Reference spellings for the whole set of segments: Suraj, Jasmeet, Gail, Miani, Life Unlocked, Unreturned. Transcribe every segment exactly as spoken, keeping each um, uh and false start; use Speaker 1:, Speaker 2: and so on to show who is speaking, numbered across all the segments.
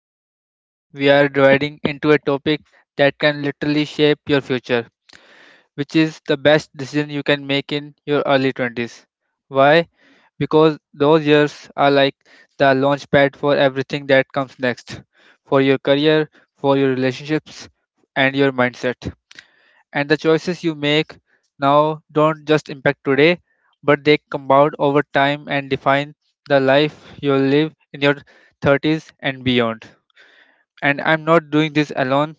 Speaker 1: and totally we are dividing into a topic that can literally shape your future, which is the best decision you can make in your early twenties. Why? Because those years are like the launch pad for everything that comes next, for your career, for your relationships, and your mindset, and the choices you make now don't just impact today, but they compound over time and define the life you'll live in your thirties and beyond. And I'm not doing this alone.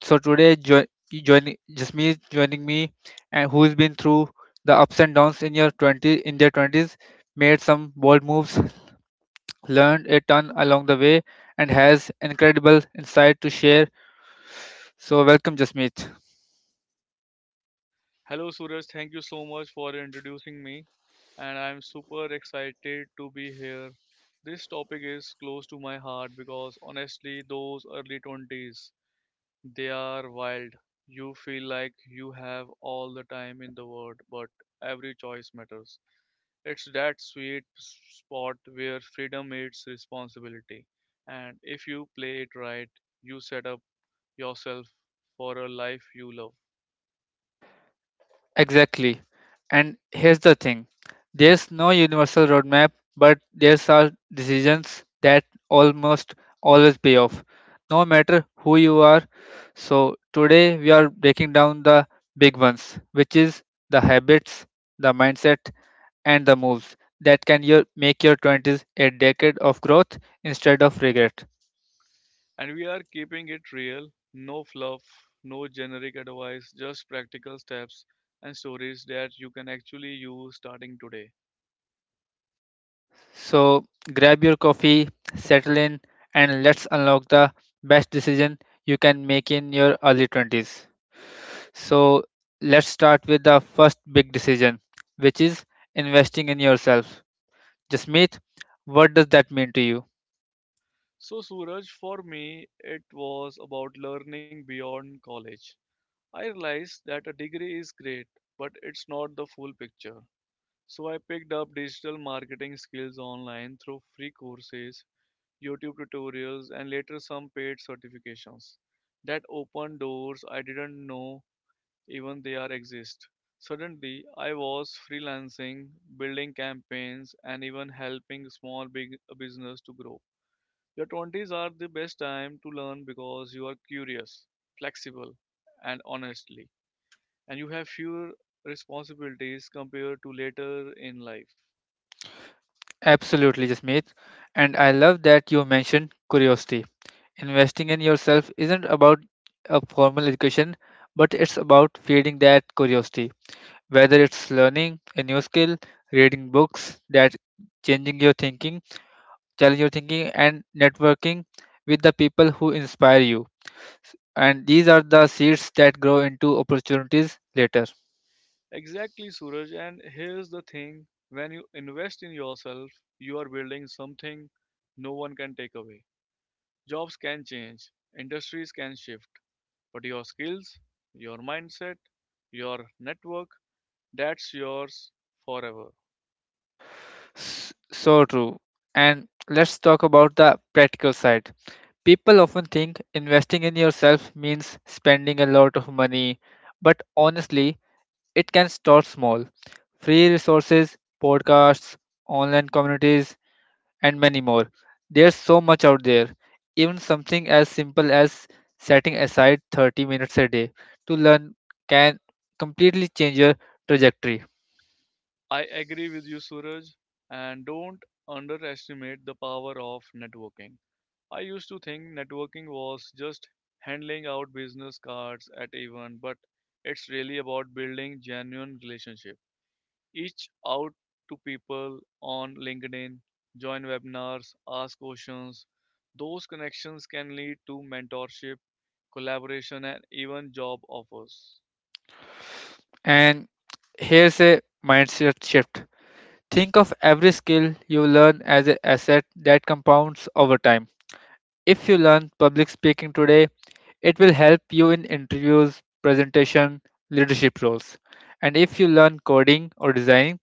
Speaker 1: So today, jo- joining just me joining me, and who's been through the ups and downs in your twenty in their twenties, made some bold moves, learned a ton along the way, and has incredible insight to share. So welcome, Jasmeet.
Speaker 2: Hello, Suraj. Thank you so much for introducing me, and I'm super excited to be here. This topic is close to my heart because honestly, those early twenties, they are wild. You feel like you have all the time in the world, but every choice matters. It's that sweet s- spot where freedom meets responsibility, and if you play it right, you set up yourself for a life you love.
Speaker 1: Exactly. And here's the thing, there's no universal roadmap, but there's are decisions that almost always pay off, no matter who you are. So, today we are breaking down the big ones, which is the habits, the mindset, and the moves that can your, make your twenties a decade of growth instead of regret.
Speaker 2: And we are keeping it real, no fluff, no generic advice, just practical steps and stories that you can actually use starting today.
Speaker 1: So grab your coffee, settle in, and let's unlock the best decision you can make in your early twenties. So let's start with the first big decision, which is investing in yourself. Jasmeet, what does that mean to you?
Speaker 2: So, Suraj, for me, it was about learning beyond college. I realized that a degree is great, but it's not the full picture. So, I picked up digital marketing skills online through free courses, YouTube tutorials, and later some paid certifications that opened doors I didn't know even they are exist. Suddenly, I was freelancing, building campaigns, and even helping small big uh, business to grow. Your twenties are the best time to learn because you are curious, flexible, and honestly, and you have fewer responsibilities compared to later in life.
Speaker 1: Absolutely, Jasmeet. And I love that you mentioned curiosity. Investing in yourself isn't about a formal education, but it's about feeding that curiosity. Whether it's learning a new skill, reading books that changing your thinking, challenge your thinking, and networking with the people who inspire you. And these are the seeds that grow into opportunities later.
Speaker 2: Exactly, Suraj. And here's the thing, when you invest in yourself, you are building something no one can take away. Jobs can change, industries can shift, but your skills, your mindset, your network, that's yours forever.
Speaker 1: S- So true. And let's talk about the practical side. People often think investing in yourself means spending a lot of money, but honestly, it can start small. Free resources, podcasts, online communities, and many more. There's so much out there. Even something as simple as setting aside thirty minutes a day to learn can completely change your trajectory.
Speaker 2: I agree with you, Suraj, and don't underestimate the power of networking. I used to think networking was just handing out business cards at events, but it's really about building genuine relationships. Reach out to people on LinkedIn, join webinars, ask questions. Those connections can lead to mentorship, collaboration, and even job offers.
Speaker 1: And here's a mindset shift. Think of every skill you learn as an asset that compounds over time. If you learn public speaking today, it will help you in interviews, presentation, leadership roles. And if you learn coding or designing,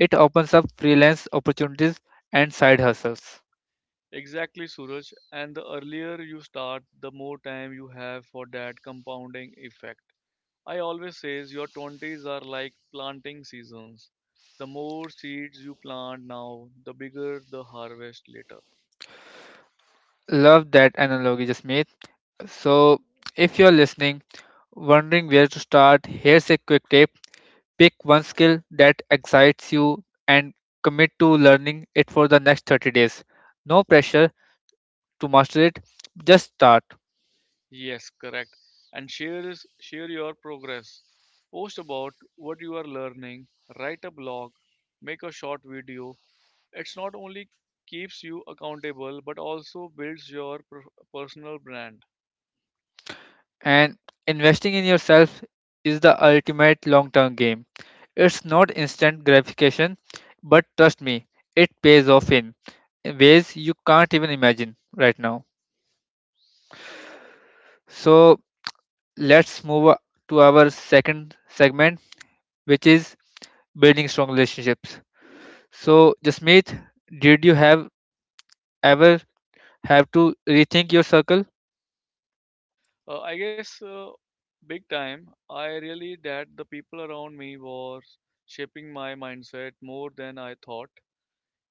Speaker 1: It opens up freelance opportunities and side hustles.
Speaker 2: Exactly, Suraj. And the earlier you start, the more time you have for that compounding effect. I always says your twenties are like planting seasons. The more seeds you plant now, the bigger the harvest later.
Speaker 1: Love that analogy, Jasmeet. So, if you're listening, wondering where to start, here's a quick tip. Pick one skill that excites you and commit to learning it for the next thirty days. No pressure to master it, just start.
Speaker 2: Yes, correct. And share is share your progress. Post about what you are learning, write a blog, make a short video. It's not only keeps you accountable but also builds your per- personal brand.
Speaker 1: And investing in yourself is the ultimate long term game. It's not instant gratification, but trust me, it pays off in ways you can't even imagine right now. So, let's move o- to our second segment, which is building strong relationships. So, Jasmeet, did you have ever have to rethink your circle?
Speaker 2: Uh, I guess uh, big time I really that the people around me was shaping my mindset more than I thought.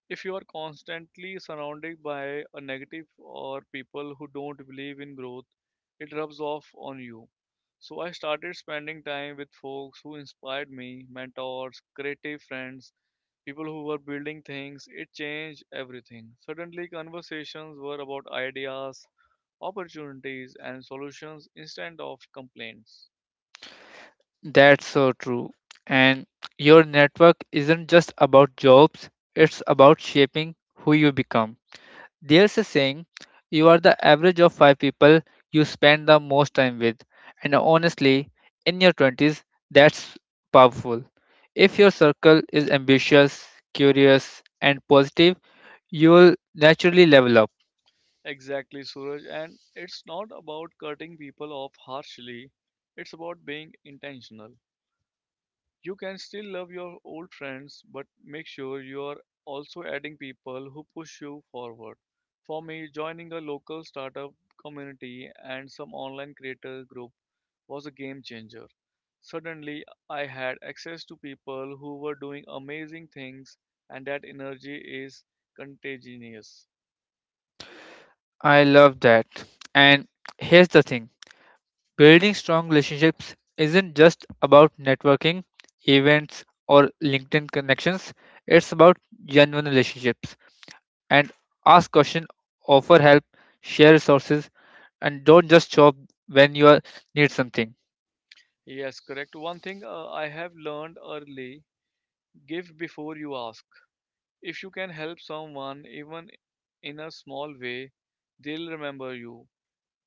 Speaker 2: If you are constantly surrounded by a negative or people who don't believe in growth, it rubs off on you. So I started spending time with folks who inspired me, mentors, creative friends, people who were building things. It changed everything. Suddenly, conversations were about ideas, opportunities, and solutions instead of complaints.
Speaker 1: That's so true. And your network isn't just about jobs, it's about shaping who you become. There's a saying, you are the average of five people you spend the most time with. And honestly, in your twenties, that's powerful. If your circle is ambitious, curious, and positive, you'll naturally level up.
Speaker 2: Exactly, Suraj. And it's not about cutting people off harshly, it's about being intentional. You can still love your old friends, but make sure you are also adding people who push you forward. For me, joining a local startup community and some online creator group was a game changer. Suddenly, I had access to people who were doing amazing things, and that energy is contagious.
Speaker 1: I love that. And here's the thing, building strong relationships isn't just about networking, events, or LinkedIn connections. It's about genuine relationships. And ask questions, offer help, share resources, and don't just show up when you are- need something.
Speaker 2: Yes, correct. One thing uh, I have learned early, give before you ask. If you can help someone, even in a small way, they'll remember you.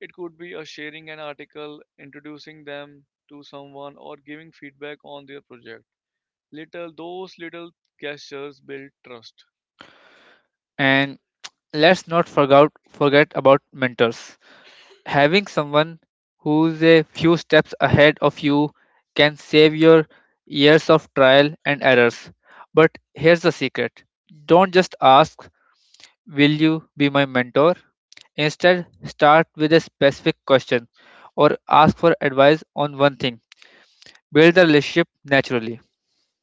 Speaker 2: It could be a sharing an article, introducing them to someone, or giving feedback on their project. Little those little gestures build trust.
Speaker 1: And let's not forget, forget about mentors. Having someone who's a few steps ahead of you can save your years of trial and errors. But here's the secret: don't just ask, will you be my mentor? Instead, start with a specific question or ask for advice on one thing. Build the relationship naturally.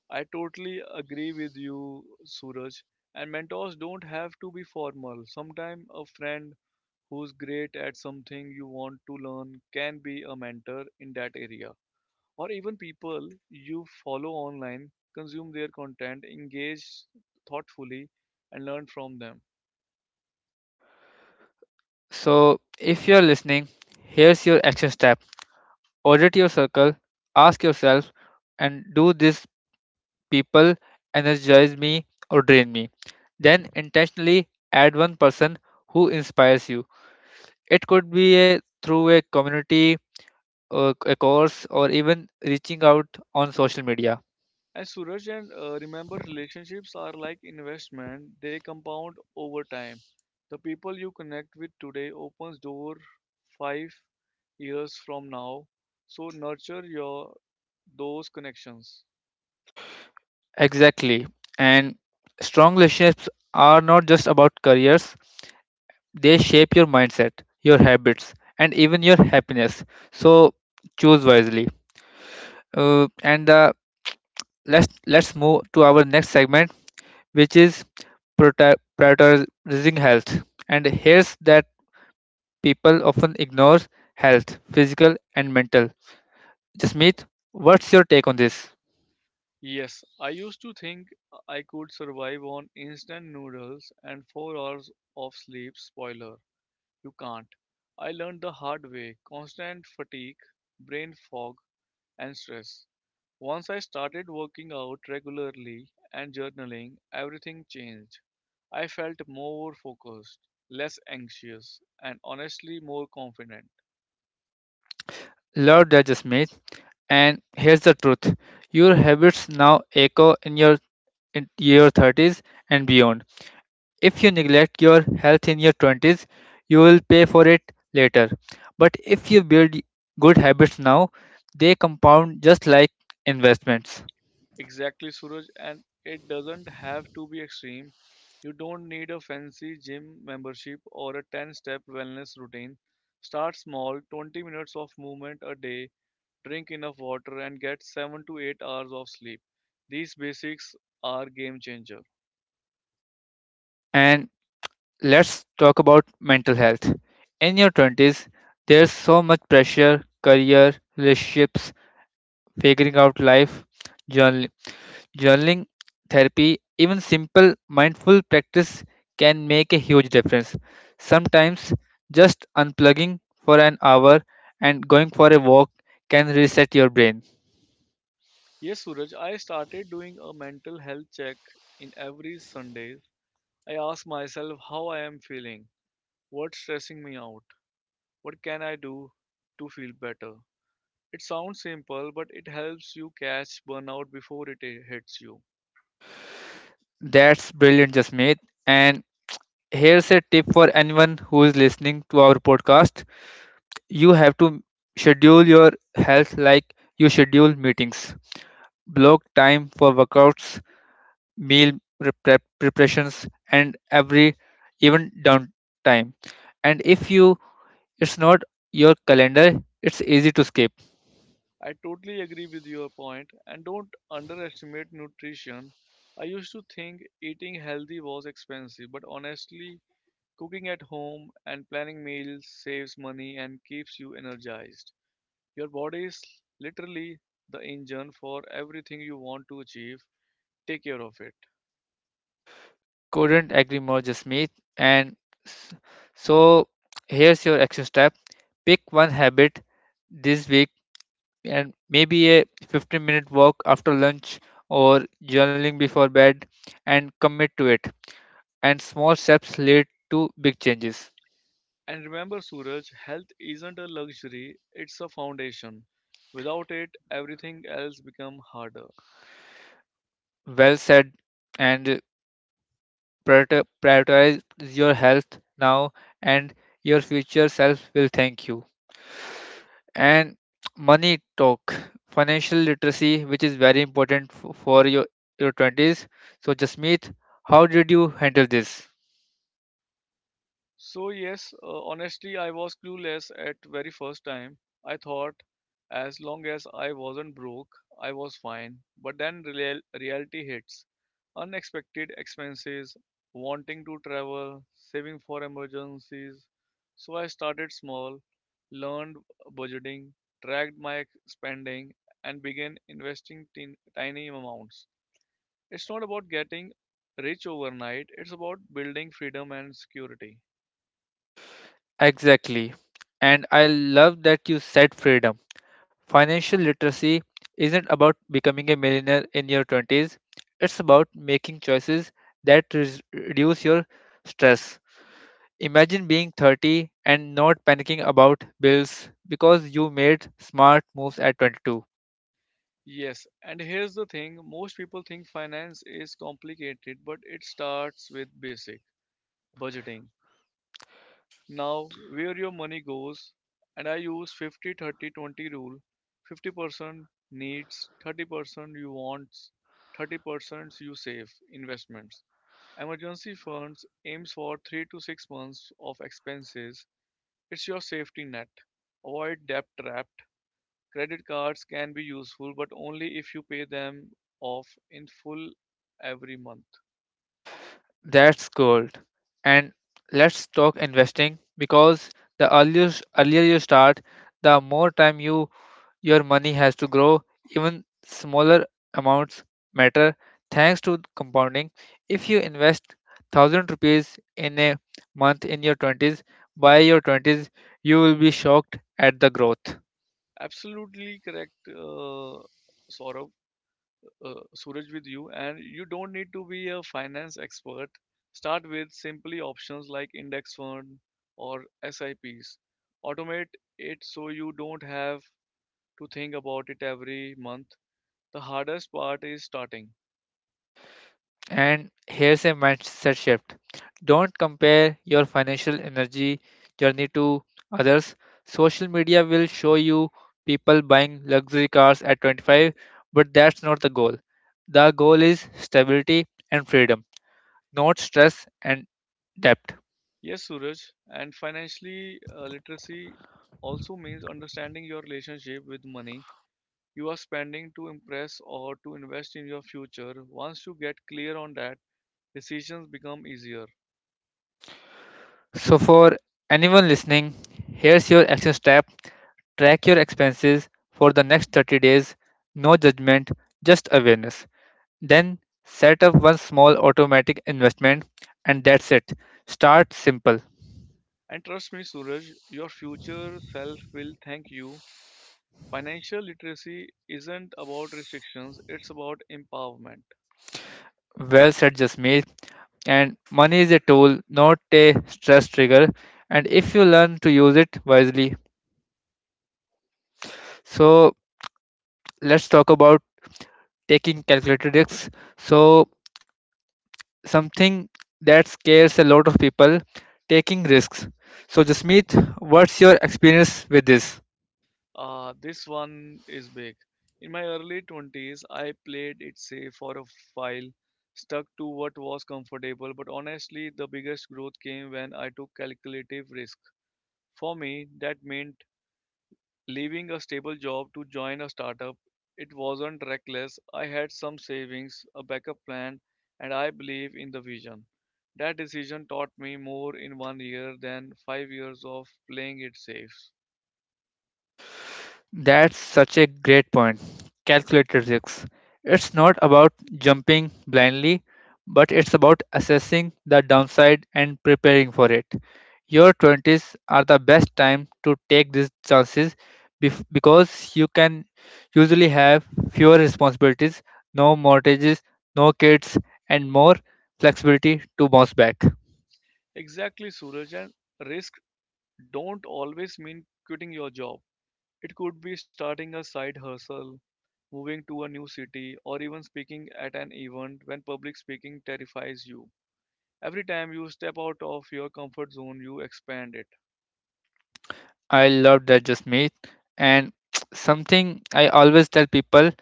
Speaker 2: I totally agree with you, Suraj. And mentors don't have to be formal. Sometimes a friend who's great at something you want to learn can be a mentor in that area, or even people you follow online. Consume their content, engage thoughtfully, and learn from them.
Speaker 1: So, if you're listening, here's your action step: audit your circle, ask yourself, and do these people energize me or drain me? Then, intentionally add one person who inspires you. It could be a, through a community, or a course, or even reaching out on social media.
Speaker 2: And Suraj, and uh, remember, relationships are like investment; they compound over time. The people you connect with today opens door five years from now. So nurture your those connections.
Speaker 1: Exactly. And strong relationships are not just about careers, they shape your mindset, your habits, and even your happiness. So choose wisely. Uh, and uh, let's let's move to our next segment, which is prota- prioritizing health. And here's that people often ignore health, physical and mental. Jasmeet, what's your take on this?
Speaker 2: Yes, I used to think I could survive on instant noodles and four hours of sleep. Spoiler. You can't. I learned the hard way, constant fatigue, brain fog, and stress. Once I started working out regularly and journaling, everything changed. I felt more focused, less anxious, and honestly more confident.
Speaker 1: Love that, Jasmeet. And here's the truth: your habits now echo in your in your thirties and beyond. If you neglect your health in your twenties, you will pay for it later. But if you build good habits now, they compound just like investments.
Speaker 2: Exactly, Suraj, and it doesn't have to be extreme. You don't need a fancy gym membership or a ten step wellness routine. Start small, twenty minutes of movement a day, drink enough water, and get seven to eight hours of sleep. These basics are game changer.
Speaker 1: And let's talk about mental health. In your twenties, there's so much pressure, career, relationships, figuring out life, journal- journaling, therapy, even simple mindful practice can make a huge difference. Sometimes just unplugging for an hour and going for a walk can reset your brain.
Speaker 2: Yes, Suraj, I started doing a mental health check in every Sunday. I ask myself how I am feeling, what's stressing me out, what can I do to feel better. It sounds simple, but it helps you catch burnout before it i- hits you.
Speaker 1: That's brilliant, Jasmeet. And here's a tip for anyone who is listening to our podcast. You have to schedule your health like you schedule meetings. Block time for workouts, meal prep- preparations, and every even downtime, and if you it's not your calendar, it's easy to skip.
Speaker 2: I totally agree with your point, and don't underestimate nutrition. I used to think eating healthy was expensive, but honestly, cooking at home and planning meals saves money and keeps you energized. Your body is literally the engine for everything you want to achieve. Take care of it.
Speaker 1: Couldn't agree more, Jasmeet. And s- so here's your action step: pick one habit this week, and maybe a fifteen minute walk after lunch or journaling before bed, and commit to it. And small steps lead to big changes.
Speaker 2: And remember, Suraj, health isn't a luxury, it's a foundation. Without it, everything else becomes harder.
Speaker 1: Well said. And Priorita- prioritize your health now, and your future self will thank you. And money talk, financial literacy, which is very important f- for your your twenties. So, Jasmeet, how did you handle this?
Speaker 2: So yes, uh, honestly, I was clueless at very first time. I thought as long as I wasn't broke, I was fine. But then real- reality hits. Unexpected expenses, wanting to travel, saving for emergencies. So I started small, learned budgeting, tracked my ex- spending and began investing tin tiny amounts. It's not about getting rich overnight, it's about building freedom and security.
Speaker 1: Exactly. And I love that you said freedom. Financial literacy isn't about becoming a millionaire in your twenties, it's about making choices that res- reduce your stress. Imagine being thirty and not panicking about bills because you made smart moves at twenty-two.
Speaker 2: Yes, and here's the thing, most people think finance is complicated, but it starts with basic budgeting. Now, where your money goes, and I use fifty thirty twenty rule, fifty percent needs, thirty percent you wants, thirty percent you save, investments. Emergency funds aims for three to six months of expenses. It's your safety net. Avoid debt trap. Credit cards can be useful, but only if you pay them off in full every month.
Speaker 1: That's gold. And let's talk investing, because the earlier, earlier you start, the more time you Your money has to grow. Even smaller amounts matter thanks to compounding. If you invest one thousand rupees in a month in your twenties, by your twenties, you will be shocked at the growth.
Speaker 2: Absolutely correct, uh, Saurabh, uh, Suraj, with you. And you don't need to be a finance expert. Start with simply options like index fund or S I Ps. Automate it so you don't have to think about it every month. The hardest part is starting.
Speaker 1: And here's a mindset shift: don't compare your financial energy journey to others. Social media will show you people buying luxury cars at twenty-five, but that's not the goal. The goal is stability and freedom, not stress and debt.
Speaker 2: Yes, Suraj, and financially uh, literacy also means understanding your relationship with money, you are spending to impress or to invest in your future. Once you get clear on that, decisions become easier.
Speaker 1: So, for anyone listening, here's your action step: track your expenses for the next thirty days. No judgment, just awareness. Then set up one small automatic investment, and that's it. Start simple.
Speaker 2: And trust me, Suraj, your future self will thank you. Financial literacy isn't about restrictions, it's about empowerment.
Speaker 1: Well said, Jasmeet. And money is a tool, not a stress trigger. And if you learn to use it wisely... So let's talk about taking calculated risks. So, something that scares a lot of people, taking risks. So, Jasmeet, what's your experience with this?
Speaker 2: Uh, this one is big. In my early twenties, I played it safe for a while, stuck to what was comfortable, but honestly, the biggest growth came when I took calculative risk. For me, that meant leaving a stable job to join a startup. It wasn't reckless. I had some savings, a backup plan, and I believe in the vision. That decision taught me more in one year than five years of playing it safe.
Speaker 1: That's such a great point. Calculated risks. It's not about jumping blindly, but it's about assessing the downside and preparing for it. Your twenties are the best time to take these chances, bef- because you can usually have fewer responsibilities, no mortgages, no kids, and more flexibility to bounce back.
Speaker 2: Exactly, Suraj, and risk don't always mean quitting your job. It could be starting a side hustle, moving to a new city, or even speaking at an event when public speaking terrifies you. Every time you step out of your comfort zone, you expand it.
Speaker 1: I love that, just me. And something I always tell people: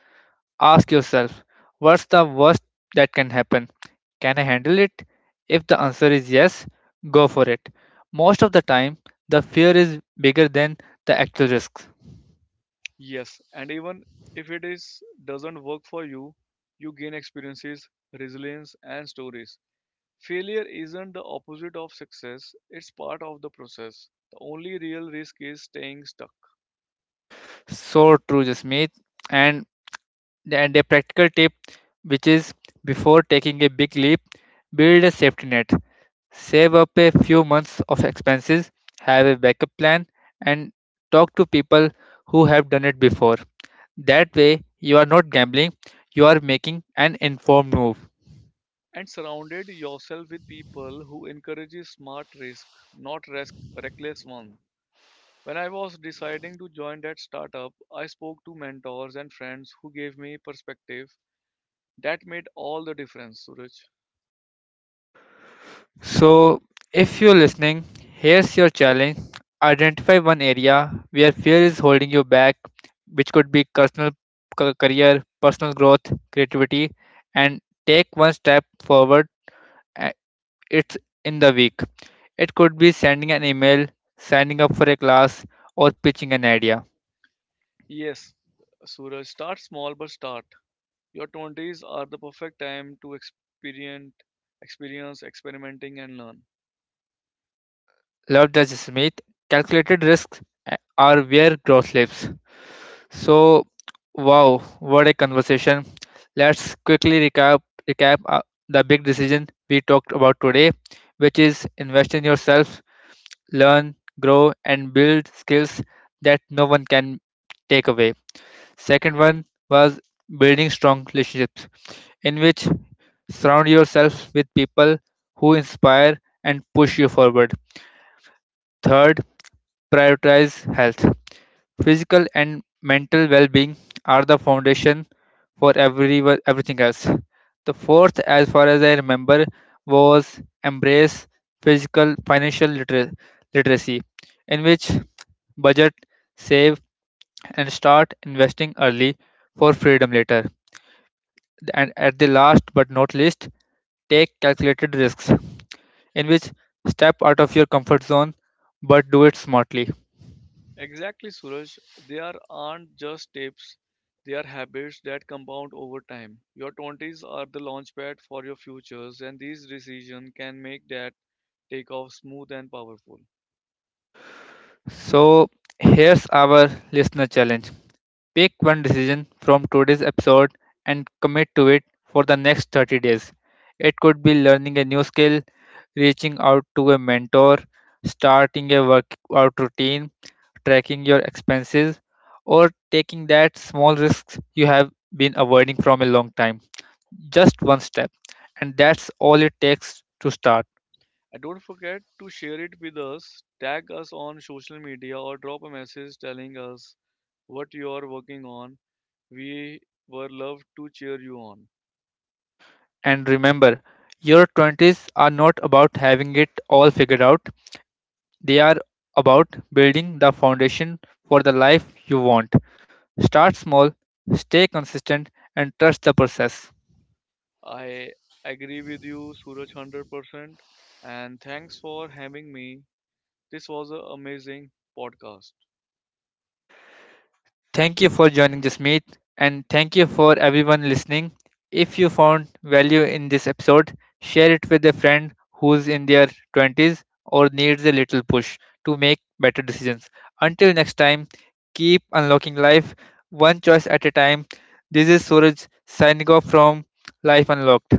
Speaker 1: ask yourself, what's the worst that can happen? Can I handle it? If the answer is yes, go for it. Most of the time, the fear is bigger than the actual risks.
Speaker 2: Yes, and even if it is doesn't work for you, you gain experiences, resilience, and stories. Failure isn't the opposite of success, it's part of the process. The only real risk is staying stuck.
Speaker 1: So true, Jasmeet. And, and a practical tip, which is, before taking a big leap, build a safety net. Save up a few months of expenses, have a backup plan, and talk to people who have done it before. That way, you are not gambling, you are making an informed move.
Speaker 2: And surrounded yourself with people who encourages smart risk, not risk, reckless one. When I was deciding to join that startup, I spoke to mentors and friends who gave me perspective. That made all the difference, Suraj.
Speaker 1: So, if you're listening, here's your challenge: identify one area where fear is holding you back, which could be personal, ca- career, personal growth, creativity, and take one step forward. uh, It's in the week. It could be sending an email, signing up for a class, or pitching an idea.
Speaker 2: Yes, Suraj, start small but start. Your twenties are the perfect time to experience, experience experimenting and learn.
Speaker 1: Love does Smith, calculated risks uh, are where growth lives. So, wow, what a conversation. Let's quickly recap recap uh, the big decision we talked about today, which is invest in yourself, learn, grow, and build skills that no one can take away. Second one was building strong relationships, in which surround yourself with people who inspire and push you forward. Third, prioritize health. Physical and mental well being are the foundation for every, everything else. The fourth, as far as I remember, was embrace physical financial litera- literacy, in which budget, save, and start investing early for freedom later. And at the last but not least, take calculated risks, in which step out of your comfort zone but do it smartly.
Speaker 2: Exactly, Suraj. They are aren't just tips; they are habits that compound over time. Your twenties are the launchpad for your futures, and these decisions can make that takeoff smooth and powerful.
Speaker 1: So, here's our listener challenge: pick one decision from today's episode and commit to it for the next thirty days. It could be learning a new skill, reaching out to a mentor, starting a workout routine, tracking your expenses, or taking that small risks you have been avoiding from a long time. Just one step, and that's all it takes to start.
Speaker 2: And don't forget to share it with us, tag us on social media, or drop a message telling us what you are working on. We were love to cheer you on.
Speaker 1: And remember, your twenties are not about having it all figured out. They are about building the foundation for the life you want. Start small, stay consistent, and trust the process.
Speaker 2: I agree with you, Suraj, one hundred percent. And thanks for having me, this was an amazing podcast.
Speaker 1: Thank you for joining, this meet, and thank you for everyone listening. If you found value in this episode, share it with a friend who's in their twenties or needs a little push to make better decisions. Until next time, keep unlocking life one choice at a time. This is Suraj signing off from Life Unlocked.